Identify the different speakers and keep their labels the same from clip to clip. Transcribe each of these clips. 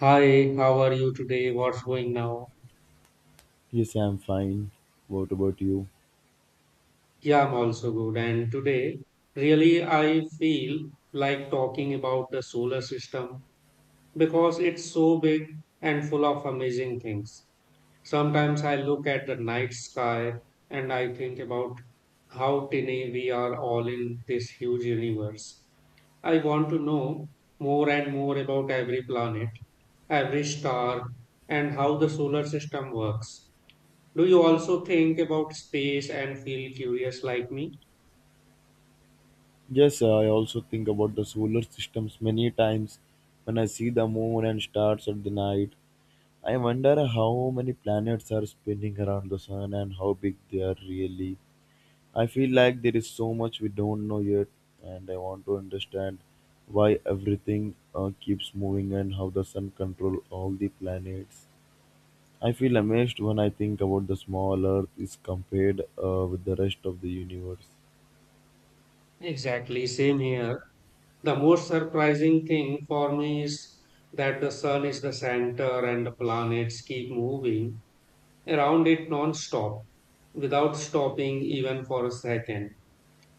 Speaker 1: Hi, how are you today? What's going now?
Speaker 2: Yes, I'm fine. What about you?
Speaker 1: Yeah, I'm also good. And today, really, I feel like talking about the solar system because it's so big and full of amazing things. Sometimes I look at the night sky and I think about how tiny we are all in this huge universe. I want to know more and more about every planet, every star, and how the solar system works. Do you also think about space and feel curious like me?
Speaker 2: Yes, I also think about the solar systems many times. When I see the moon and stars at the night, I wonder how many planets are spinning around the sun and how big they are really. I feel like there is so much we don't know yet, and I want to understand why everything keeps moving and how the sun controls all the planets. I feel amazed when I think about the small Earth is compared with the rest of the universe.
Speaker 1: Exactly, same here. The most surprising thing for me is that the sun is the center and the planets keep moving around it non-stop without stopping even for a second.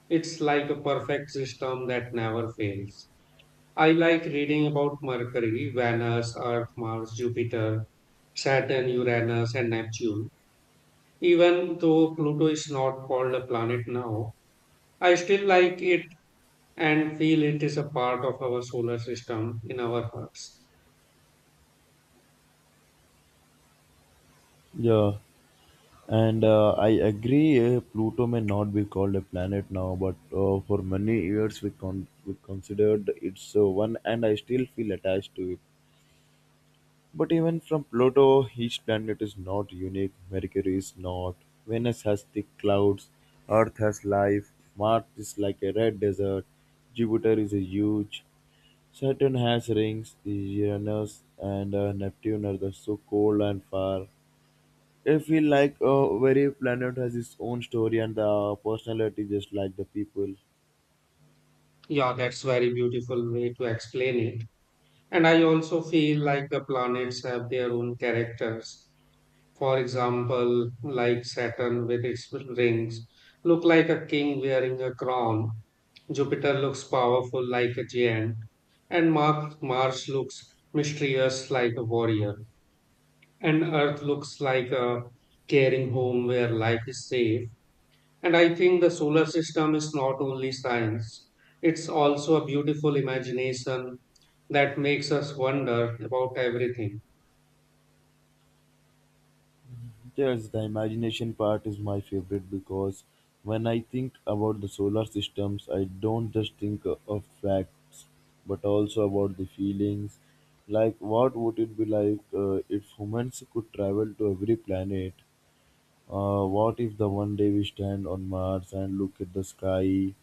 Speaker 1: It's like a perfect system that never fails. I like reading about Mercury, Venus, Earth, Mars, Jupiter, Saturn, Uranus, and Neptune. Even though Pluto is not called a planet now, I still like it and feel it is a part of our solar system in our hearts.
Speaker 2: Yeah, and I agree. Pluto may not be called a planet now, but for many years we considered it's one, and I still feel attached to it. But even from Pluto, each planet is not unique. Mercury is not. Venus has thick clouds. Earth has life. Mars is like a red desert. Jupiter is a huge. Saturn has rings. Uranus and Neptune are the so cold and far. I feel like every planet has its own story and the personality, just like the people.
Speaker 1: Yeah, that's very beautiful way to explain it. And I also feel like the planets have their own characters. For example, like Saturn with its rings look like a king wearing a crown. Jupiter looks powerful like a giant, and Mars looks mysterious like a warrior. And Earth looks like a caring home where life is safe. And I think the solar system is not only science, it's also a beautiful imagination that makes us wonder about everything.
Speaker 2: Yes, the imagination part is my favorite because when I think about the solar systems, I don't just think of facts but also about the feelings. Like, what would it be like if humans could travel to every planet? What if the one day we stand on Mars and look at the sky?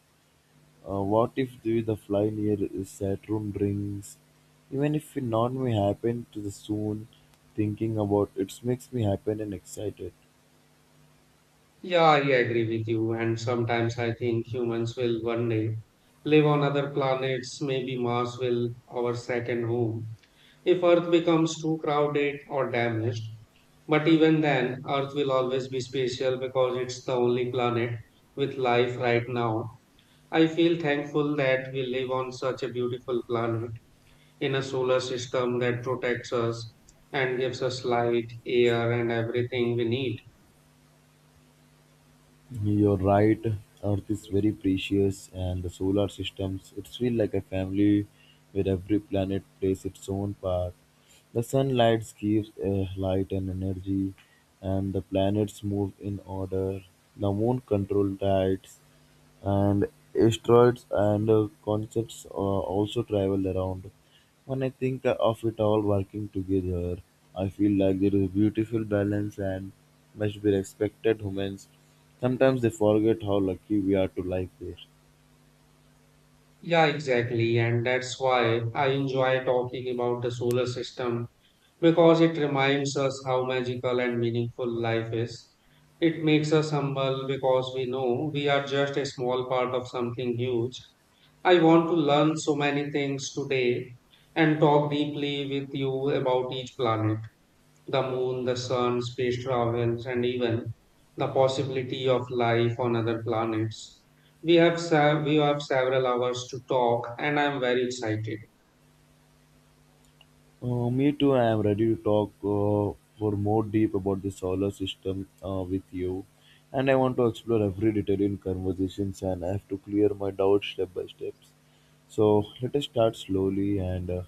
Speaker 2: What if with a fly near Saturn rings? Even if it not may happen to the soon, thinking about it makes me happy and excited.
Speaker 1: Yeah, I agree with you. And sometimes I think humans will one day live on other planets. Maybe Mars will our second home, if Earth becomes too crowded or damaged. But even then, Earth will always be special because it's the only planet with life right now. I feel thankful that we live on such a beautiful planet in a solar system that protects us and gives us light, air, and everything we need.
Speaker 2: You're right. Earth is very precious, and the solar systems. It feels like a family, where every planet plays its own part. The sunlight gives light and energy, and the planets move in order. The moon controls tides, and asteroids and concepts comets also travel around. When I think of it all working together, I feel like there is a beautiful balance and must be respected. Humans sometimes they forget how lucky we are to live there.
Speaker 1: Yeah, exactly. And that's why I enjoy talking about the solar system because it reminds us how magical and meaningful life is. It makes us humble because we know we are just a small part of something huge. I want to learn so many things today and talk deeply with you about each planet, the moon, the sun, space travels, and even the possibility of life on other planets. We have several hours to talk, and I'm very excited.
Speaker 2: Me too. I am ready to talk for more deep about the solar system with you, and I want to explore every detail in conversations. And I have to clear my doubts step by steps. So let us start slowly and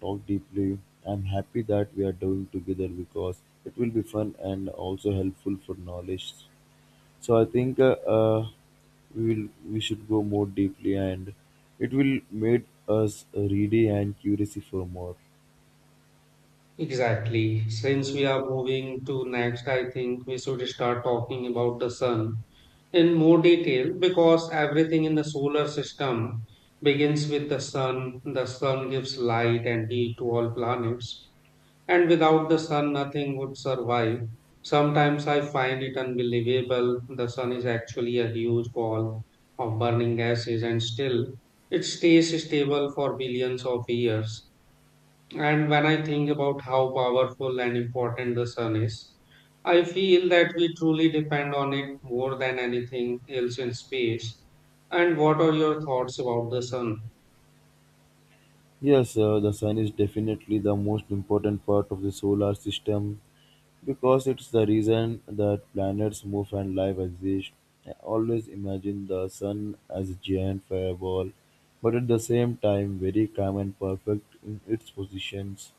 Speaker 2: talk deeply. I'm happy that we are doing together because it will be fun and also helpful for knowledge. So I think we should go more deeply and it will make us ready and curious for more.
Speaker 1: Exactly. Since we are moving to next, I think we should start talking about the sun in more detail because everything in the solar system begins with the sun. The sun gives light and heat to all planets, and without the sun, nothing would survive. Sometimes I find it unbelievable. The sun is actually a huge ball of burning gases, and still it stays stable for billions of years. And when I think about how powerful and important the sun is, I feel that we truly depend on it more than anything else in space. And what are your thoughts about the sun?
Speaker 2: Yes, the sun is definitely the most important part of the solar system because it's the reason that planets move and life exists. I always imagine the sun as a giant fireball, but at the same time, very calm and perfect in its positions.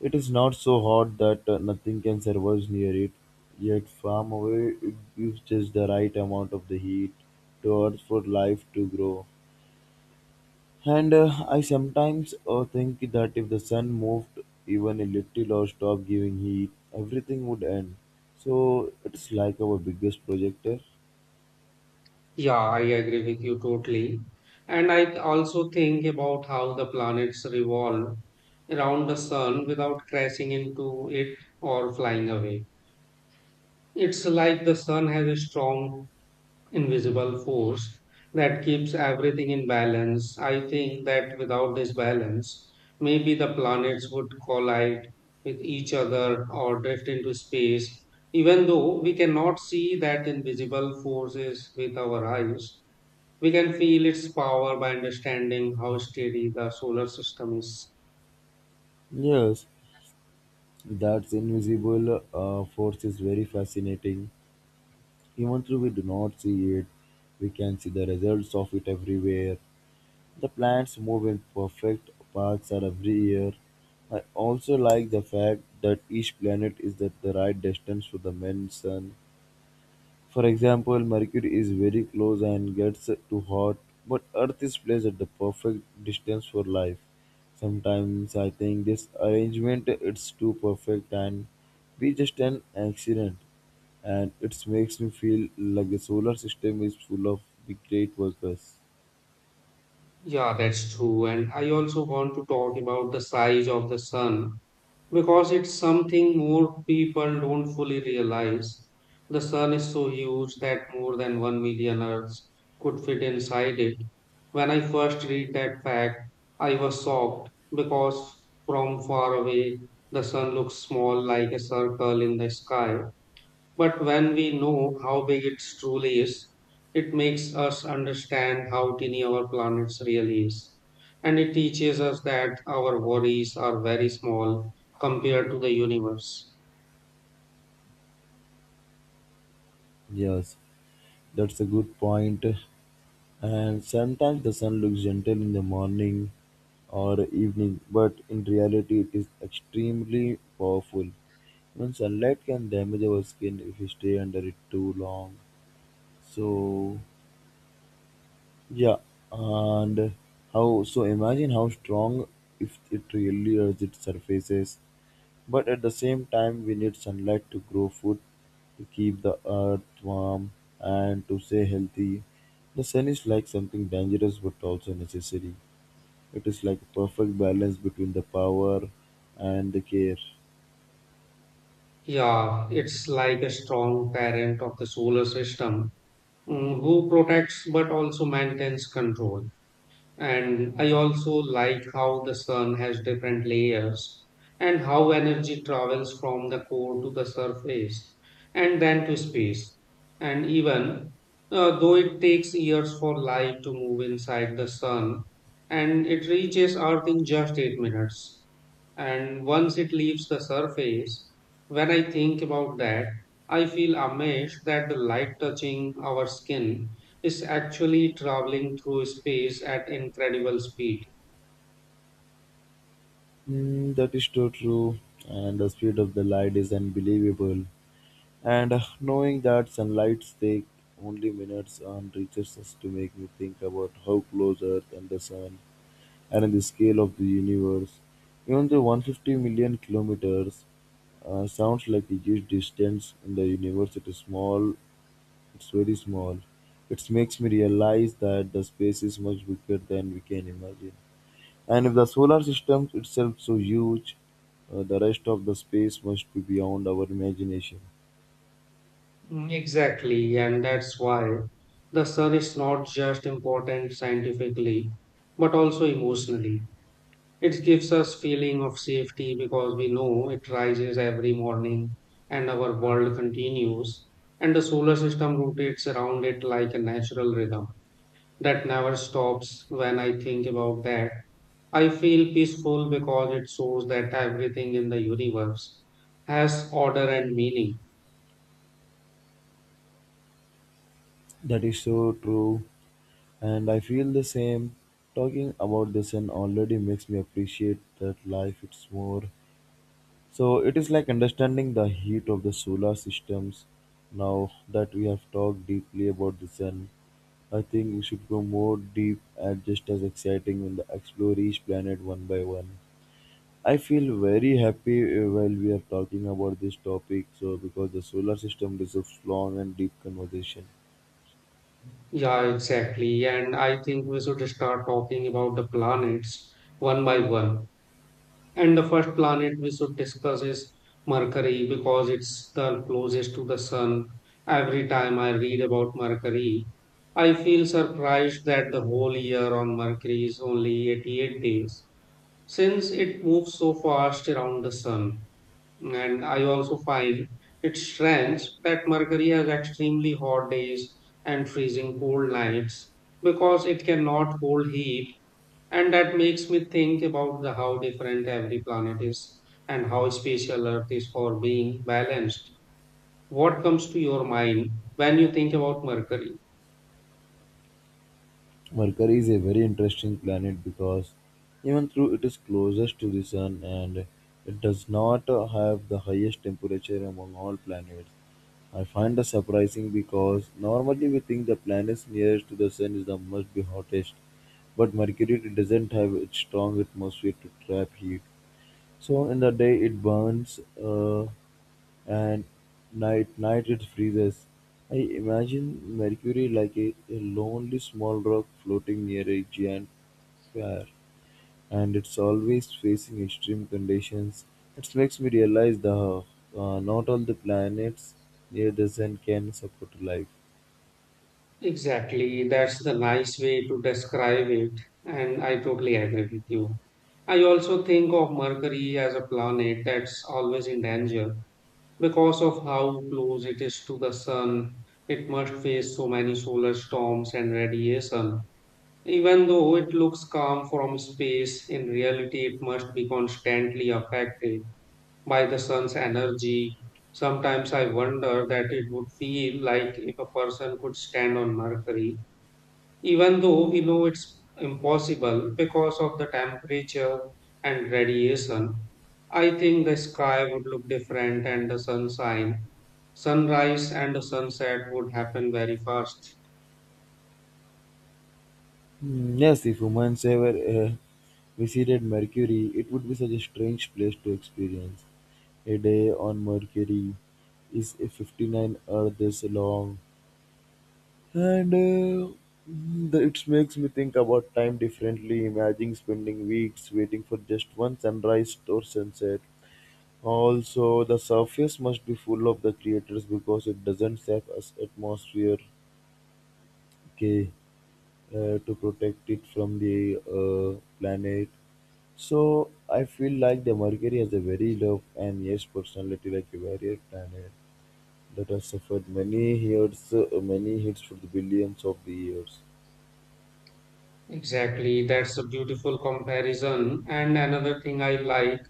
Speaker 2: It is not so hot that nothing can survive near it, yet, far away, it gives just the right amount of the heat to Earth for life to grow. And I sometimes think that if the sun moved even a little or stopped giving heat, everything would end. So it's like our biggest projector.
Speaker 1: Yeah, I agree with you totally. And I also think about how the planets revolve around the sun without crashing into it or flying away. It's like the sun has a strong invisible force that keeps everything in balance. I think that without this balance, maybe the planets would collide with each other or drift into space. Even though we cannot see that invisible forces with our eyes, we can feel its power by understanding how steady the solar system is.
Speaker 2: Yes, that's invisible force is very fascinating. Even though we do not see it, we can see the results of it everywhere. The plants move in perfect paths are every year. I also like the fact that each planet is at the right distance to the main sun. For example, Mercury is very close and gets too hot, but Earth is placed at the perfect distance for life. Sometimes I think this arrangement it's too perfect and we just an accident and it makes me feel like the solar system is full of the great workers.
Speaker 1: Yeah, that's true. And I also want to talk about the size of the sun because it's something more people don't fully realize. The sun is so huge that more than 1 million Earths could fit inside it. When I first read that fact, I was shocked because from far away the sun looks small like a circle in the sky. But when we know how big it truly is, it makes us understand how tiny our planet really is. And it teaches us that our worries are very small compared to the universe.
Speaker 2: Yes, that's a good point. And sometimes the sun looks gentle in the morning or evening, but in reality, it is extremely powerful. Even sunlight can damage our skin if we stay under it too long. So, yeah, and how so imagine how strong if it really as it surfaces but at the same time, we need sunlight to grow food, to keep the earth warm, and to stay healthy. The sun is like something dangerous but also necessary. It is like a perfect balance between the power and the care.
Speaker 1: Yeah, it's like a strong parent of the solar system, who protects but also maintains control. And I also like how the sun has different layers and how energy travels from the core to the surface and then to space. And even though it takes years for light to move inside the sun, and it reaches Earth in just 8 minutes. And once it leaves the surface, when I think about that, I feel amazed that the light touching our skin is actually traveling through space at incredible speed.
Speaker 2: Mm, that is so true, and the speed of the light is unbelievable. And knowing that sunlight take only minutes on reaches us to make me think about how close Earth and the sun and in the scale of the universe. Even the 150 million kilometers sounds like a huge distance in the universe. It is small, it's very small. It makes me realize that the space is much bigger than we can imagine. And if the solar system itself so huge, the rest of the space must be beyond our imagination.
Speaker 1: Exactly, and that's why the sun is not just important scientifically, but also emotionally. It gives us feeling of safety because we know it rises every morning and our world continues, and the solar system rotates around it like a natural rhythm that never stops. When I think about that, I feel peaceful because it shows that everything in the universe has order and meaning.
Speaker 2: That is so true, and I feel the same. Talking about the sun already makes me appreciate that life it's more. So it is like understanding the heat of the solar systems. Now that we have talked deeply about the sun, I think we should go more deep and just as exciting when the explore each planet one by one. I feel very happy while we are talking about this topic, so because the solar system deserves long and deep conversation.
Speaker 1: Yeah, exactly. And I think we should start talking about the planets one by one. And the first planet we should discuss is Mercury because it's the closest to the sun. Every time I read about Mercury, I feel surprised that the whole year on Mercury is only 88 days since it moves so fast around the sun. And I also find it strange that Mercury has extremely hot days and freezing cold nights because it cannot hold heat. And that makes me think about the, how different every planet is and how special Earth is for being balanced. What comes to your mind when you think about Mercury?
Speaker 2: Mercury is a very interesting planet because even though it is closest to the Sun and it does not have the highest temperature among all planets, I find that surprising because normally we think the planets nearest to the Sun is the must be hottest, but Mercury doesn't have its strong atmosphere to trap heat. So in the day it burns, and night it freezes. I imagine Mercury like a lonely small rock floating near a giant fire, and it's always facing extreme conditions. It makes me realize that not all the planets near the sun can support life.
Speaker 1: Exactly, that's the nice way to describe it, and I totally agree with you. I also think of Mercury as a planet that's always in danger because of how close it is to the sun. It must face so many solar storms and radiation. Even though it looks calm from space, in reality it must be constantly affected by the sun's energy. Sometimes I wonder that it would feel like if a person could stand on Mercury, even though we know it's impossible because of the temperature and radiation. I think the sky would look different and the sunshine, sunrise and the sunset would happen very fast.
Speaker 2: Mm, yes, if humans ever visited Mercury, it would be such a strange place to experience. A day on Mercury is a 59 Earths long, and it makes me think about time differently. Imagine spending weeks waiting for just one sunrise or sunset. Also, the surface must be full of the creators because it doesn't have as atmosphere okay, to protect it from the planet. So I feel like the Mercury has a very love and yes personality like a warrior planet that has suffered many hits for the billions of the years.
Speaker 1: Exactly, that's a beautiful comparison. And another thing I like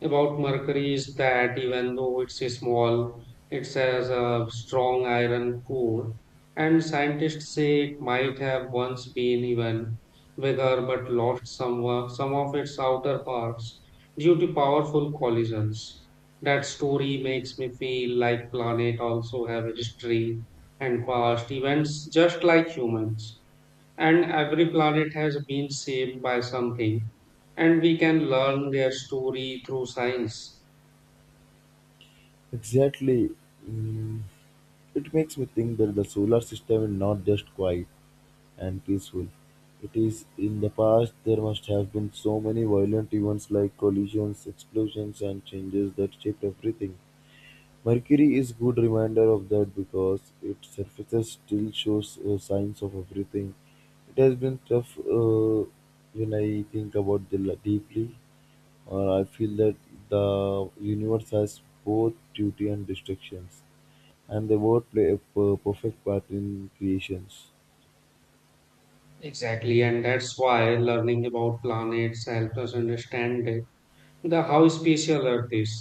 Speaker 1: about mercury is that even though it's a small, it has a strong iron core, and scientists say it might have once been even bigger but lost some of its outer parts due to powerful collisions. That story makes me feel like planet also have a history and past events just like humans, and every planet has been shaped by something and we can learn their story through science.
Speaker 2: Exactly. Mm, it makes me think that the solar system is not just quiet and peaceful. It is in the past there must have been so many violent events like collisions, explosions and changes that shaped everything. Mercury is good reminder of that because its surface still shows signs of everything. It has been tough when I think about deeply, or I feel that the universe has both duty and distractions, and they both play a perfect part in creations.
Speaker 1: Exactly, and that's why learning about planets helps us understand the how special earth is.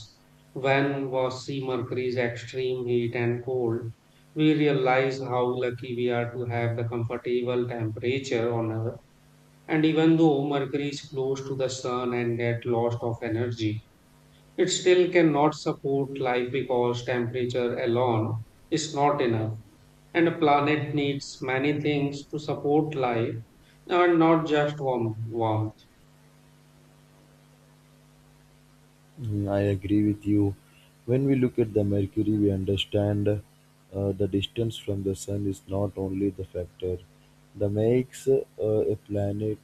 Speaker 1: When we see mercury's extreme heat and cold, we realize how lucky we are to have the comfortable temperature on earth. And even though mercury is close to the sun and get loss of energy, it still cannot support life because temperature alone is not enough, and a planet needs many things to support life and not just warmth.
Speaker 2: Mm, I agree with you. When we look at the Mercury, we understand the distance from the Sun is not only the factor that makes a planet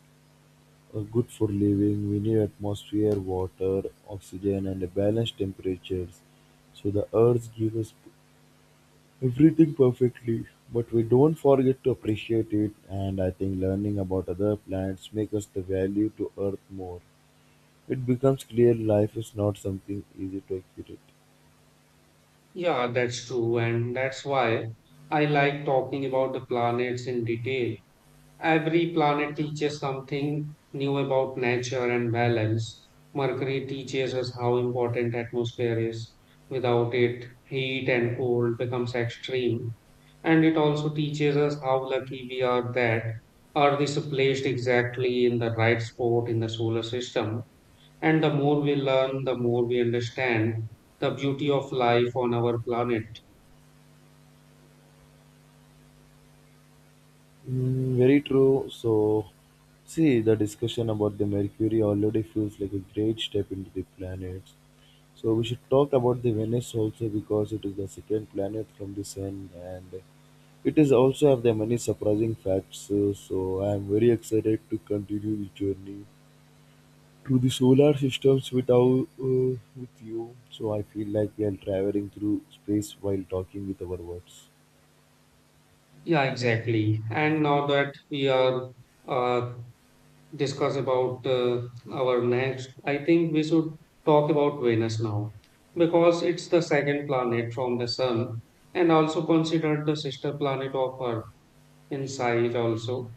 Speaker 2: Good for living, we need atmosphere, water, oxygen and a balanced temperatures. So the earth gives us everything perfectly, but we don't forget to appreciate it and I think learning about other plants makes us the value to earth more. It becomes clear life is not something easy to accurate.
Speaker 1: Yeah, that's true, and that's why I like talking about the planets in detail. Every planet teaches something new about nature and balance. Mercury teaches us how important atmosphere is. Without it, heat and cold becomes extreme. And it also teaches us how lucky we are that Earth is placed exactly in the right spot in the solar system. And the more we learn, the more we understand the beauty of life on our planet.
Speaker 2: Mm, very true. So see the discussion about the mercury already feels like a great step into the planets. So we should talk about the Venus also because it is the second planet from the sun and it is also have the many surprising facts. So I am very excited to continue the journey through the solar systems with with you. So I feel like we are traveling through space while talking with our words.
Speaker 1: Yeah, exactly. And now that we are uh, discuss about our next, I think we should talk about Venus now because it's the second planet from the Sun and also considered the sister planet of Earth in size also.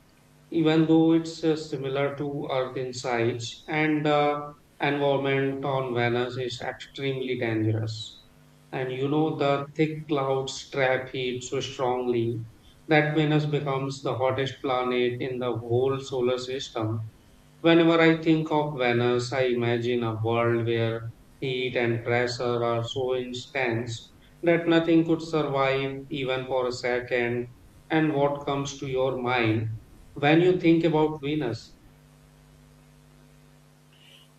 Speaker 1: Even though it's similar to Earth in size, and the environment on Venus is extremely dangerous. And you know, the thick clouds trap heat so strongly that Venus becomes the hottest planet in the whole solar system. Whenever I think of Venus, I imagine a world where heat and pressure are so intense that nothing could survive even for a second. And what comes to your mind when you think about Venus?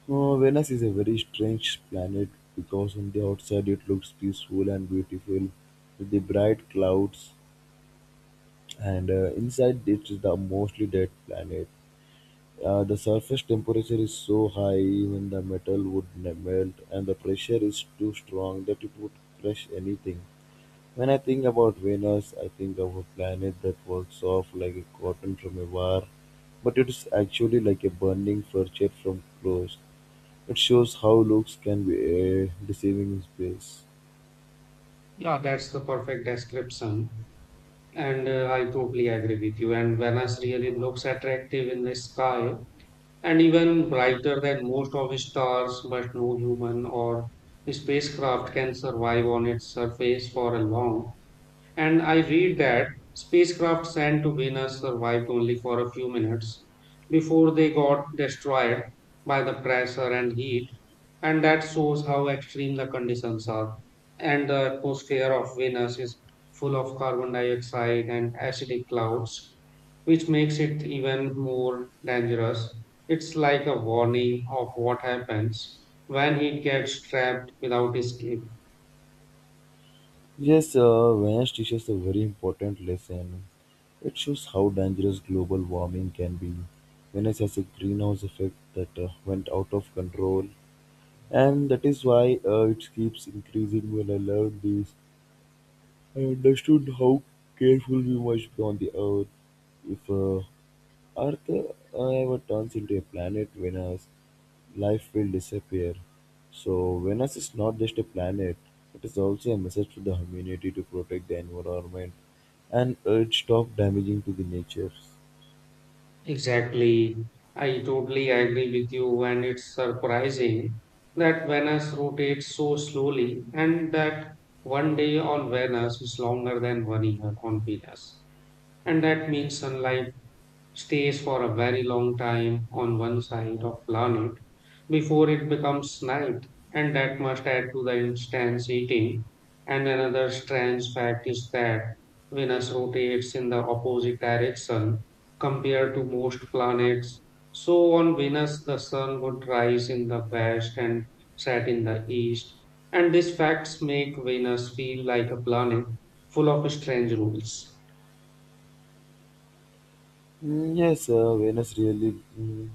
Speaker 2: Venus is a very strange planet because on the outside it looks peaceful and beautiful with the bright clouds and inside it is the mostly dead planet. The surface temperature is so high even the metal would melt, and the pressure is too strong that it would crush anything. When I think about Venus, I think of a planet that works off like a cotton from a wire, but it is actually like a burning furniture from clothes. It shows how looks can be deceiving in space.
Speaker 1: Yeah, that's the perfect description. And I totally agree with you. And Venus really looks attractive in the sky and even brighter than most of the stars, but no human or spacecraft can survive on its surface for a long. And I read that spacecraft sent to Venus survived only for a few minutes before they got destroyed by the pressure and heat, and that shows how extreme the conditions are. And the atmosphere of Venus is full of carbon dioxide and acidic clouds, which makes it even more dangerous. It's like a warning of what happens when heat gets trapped without escape.
Speaker 2: Yes, Vance teaches a very important lesson. It shows how dangerous global warming can be. Venice has a greenhouse effect that went out of control, and that is why it keeps increasing. When I learned this, I understood how careful we must be on the earth if Earth, however, turns into a planet Venus, life will disappear. So, Venus is not just a planet, it is also a message to the humanity to protect the environment and urge stop damaging to the nature.
Speaker 1: Exactly. I totally agree with you, and it's surprising that Venus rotates so slowly, and that one day on Venus is longer than one year on Venus. And that means sunlight stays for a very long time on one side of planet before it becomes night, and that must add to the intense heating. And another strange fact is that venus rotates in the opposite direction compared to most planets. So on venus the sun would rise in the west and set in the east, and these facts make venus feel like a planet full of strange rules.
Speaker 2: Mm, yes, Venus really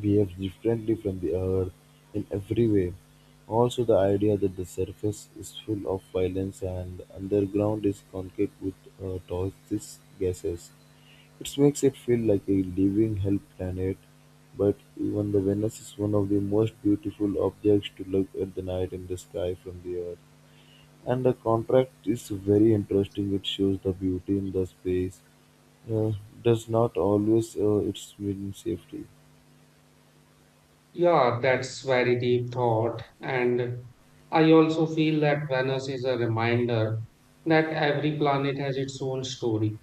Speaker 2: behaves differently from the Earth in every way. Also, the idea that the surface is full of violence and the underground is concrete with toxic gases. It makes it feel like a living hell planet, but even the Venus is one of the most beautiful objects to look at the night in the sky from the Earth. And the contract is very interesting. It shows the beauty in the space uh, does not always it's mean safety.
Speaker 1: Yeah, that's very deep thought. And I also feel that Venus is a reminder that every planet has its own story.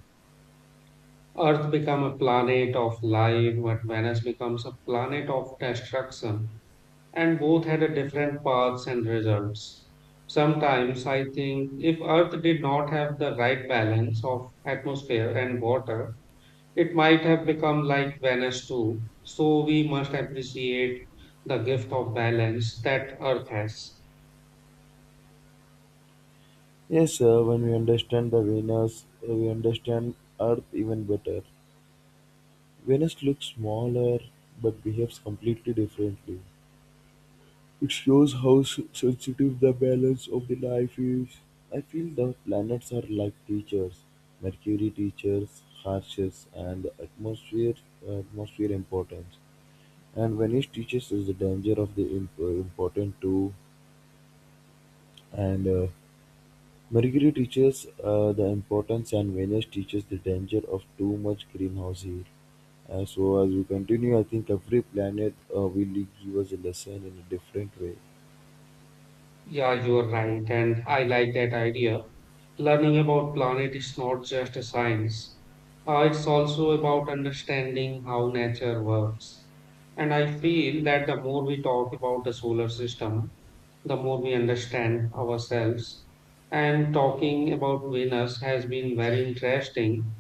Speaker 1: Earth became a planet of life, but Venus becomes a planet of destruction. And both had a different paths and results. Sometimes I think if Earth did not have the right balance of atmosphere and water, it might have become like Venice too, so we must appreciate the gift of balance that Earth has.
Speaker 2: Yes, when we understand the Venus, we understand Earth even better. Venus looks smaller but behaves completely differently. It shows how sensitive the balance of the life is. I feel the planets are like teachers. Mercury teaches harshness and the atmosphere importance. And Venus teaches is the danger of the important too. And Mercury teaches the importance, and Venus teaches the danger of too much greenhouse heat. So as we continue, I think every planet will give us a lesson in a different way.
Speaker 1: Yeah, you are right, and I like that idea. Learning about planet is not just a science. It's also about understanding how nature works. And I feel that the more we talk about the solar system, the more we understand ourselves. And talking about Venus has been very interesting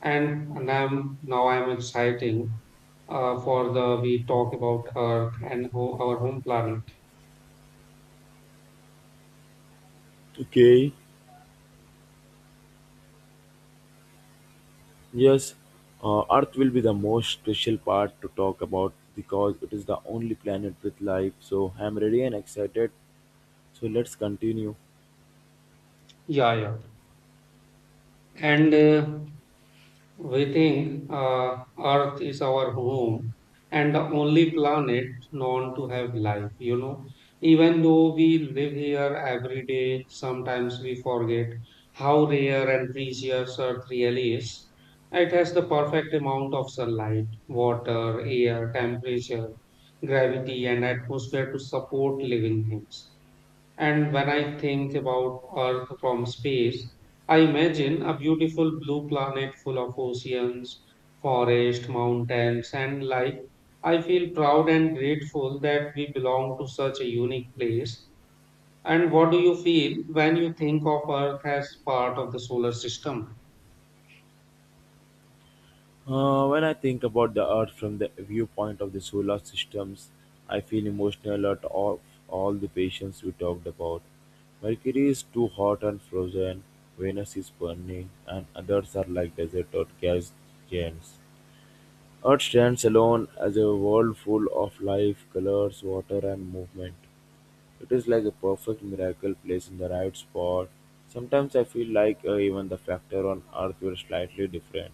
Speaker 1: and I'm now I'm exciting for the we talk about Earth and our home planet.
Speaker 2: Okay. Yes, Earth will be the most special part to talk about because it is the only planet with life. So I'm ready and excited. So let's continue.
Speaker 1: Yeah, yeah. And we think Earth is our home and the only planet known to have life, you know. Even though we live here every day, sometimes we forget how rare and precious Earth really is. It has the perfect amount of sunlight, water, air, temperature, gravity, and atmosphere to support living things. And when I think about Earth from space, I imagine a beautiful blue planet full of oceans, forests, mountains, and like I feel proud and grateful that we belong to such a unique place. And what do you feel when you think of Earth as part of the solar system?
Speaker 2: When I think about the Earth from the viewpoint of the solar systems, I feel emotional at all the patients we talked about. Mercury is too hot and frozen, Venus is burning, and others are like desert or gas giants. Earth stands alone as a world full of life, colors, water, and movement. It is like a perfect miracle placed in the right spot. Sometimes I feel like even the factor on Earth were slightly different.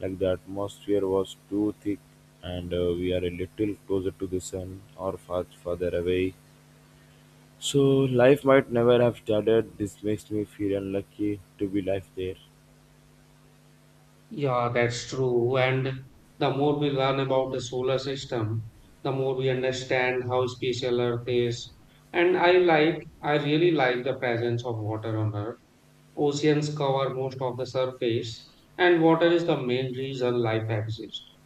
Speaker 2: Like the atmosphere was too thick, and we are a little closer to the sun or far further away. So life might never have started. This makes me feel unlucky to be life there.
Speaker 1: Yeah, that's true. And the more we learn about the solar system, the more we understand how special Earth is. And I like, I really like the presence of water on Earth. Oceans cover most of the surface, and water is the main reason life exists.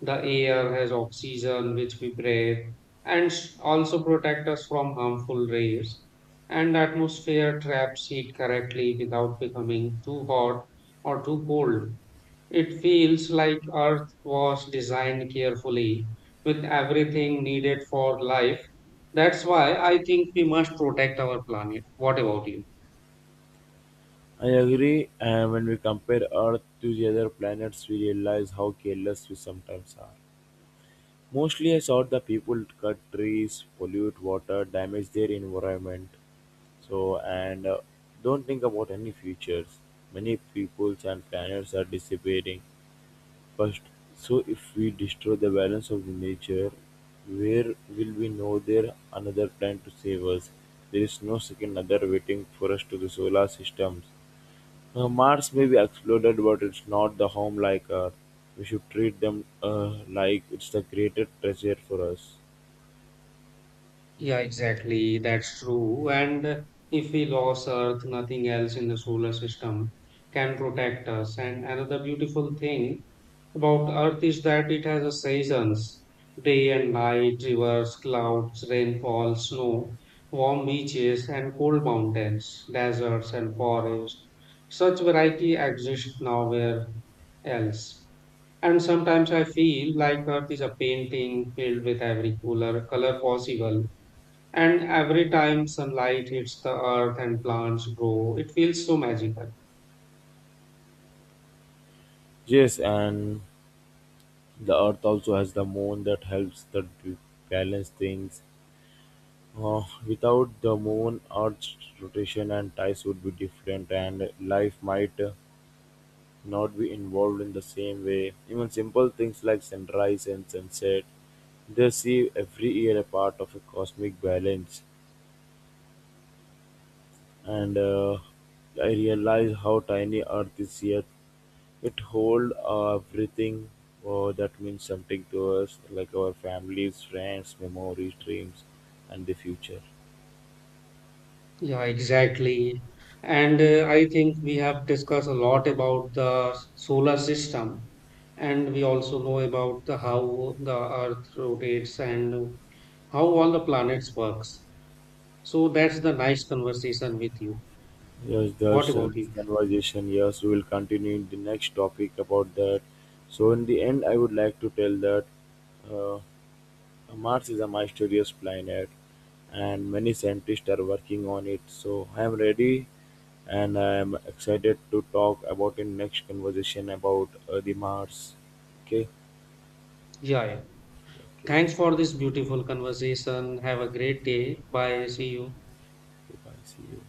Speaker 1: The air has oxygen, which we breathe, and also protect us from harmful rays. And the atmosphere traps heat correctly without becoming too hot or too cold. It feels like Earth was designed carefully with everything needed for life. That's why I think we must protect our planet. What about you?
Speaker 2: I agree, and when we compare Earth to the other planets, we realize how careless we sometimes are. Mostly I saw the people cut trees, pollute water, damage their environment. So and don't think about any futures. Many peoples and planets are disappearing. First, so if we destroy the balance of the nature, where will we know there another plan to save us? There is no second other waiting for us to the solar systems. Mars may be exploded, but it's not the home like Earth. We should treat them like it's the greatest treasure for us.
Speaker 1: Yeah, exactly. That's true. And if we lose Earth, nothing else in the solar system can protect us. And another beautiful thing about Earth is that it has a seasons, day and night, rivers, clouds, rainfall, snow, warm beaches and cold mountains, deserts and forests. Such variety exists nowhere else. And sometimes I feel like Earth is a painting filled with every color possible. And every time sunlight hits the earth and plants grow, it feels so magical.
Speaker 2: Yes, and the Earth also has the moon that helps balance things. Without the moon, Earth's rotation and tides would be different, and life might not be involved in the same way. Even simple things like sunrise and sunset, they see every year a part of a cosmic balance. And I realize how tiny Earth is yet it holds everything that means something to us, like our families, friends, memories, dreams, and the future.
Speaker 1: Yeah, exactly. And I think we have discussed a lot about the solar system, and we also know about the how the Earth rotates and how all the planets works. So that's the nice conversation with you.
Speaker 2: Yes,
Speaker 1: What
Speaker 2: there's a
Speaker 1: about
Speaker 2: nice
Speaker 1: you?
Speaker 2: conversation. Yes, we will continue in the next topic about that. So in the end, I would like to tell that. Uh, Mars is a mysterious planet, and many scientists are working on it. So I am ready, and I am excited to talk about in next conversation about the Mars. Okay,
Speaker 1: Yeah, yeah.
Speaker 2: okay,
Speaker 1: Thanks for this beautiful conversation. Have a great day. Bye. See you.
Speaker 2: goodbye. See you.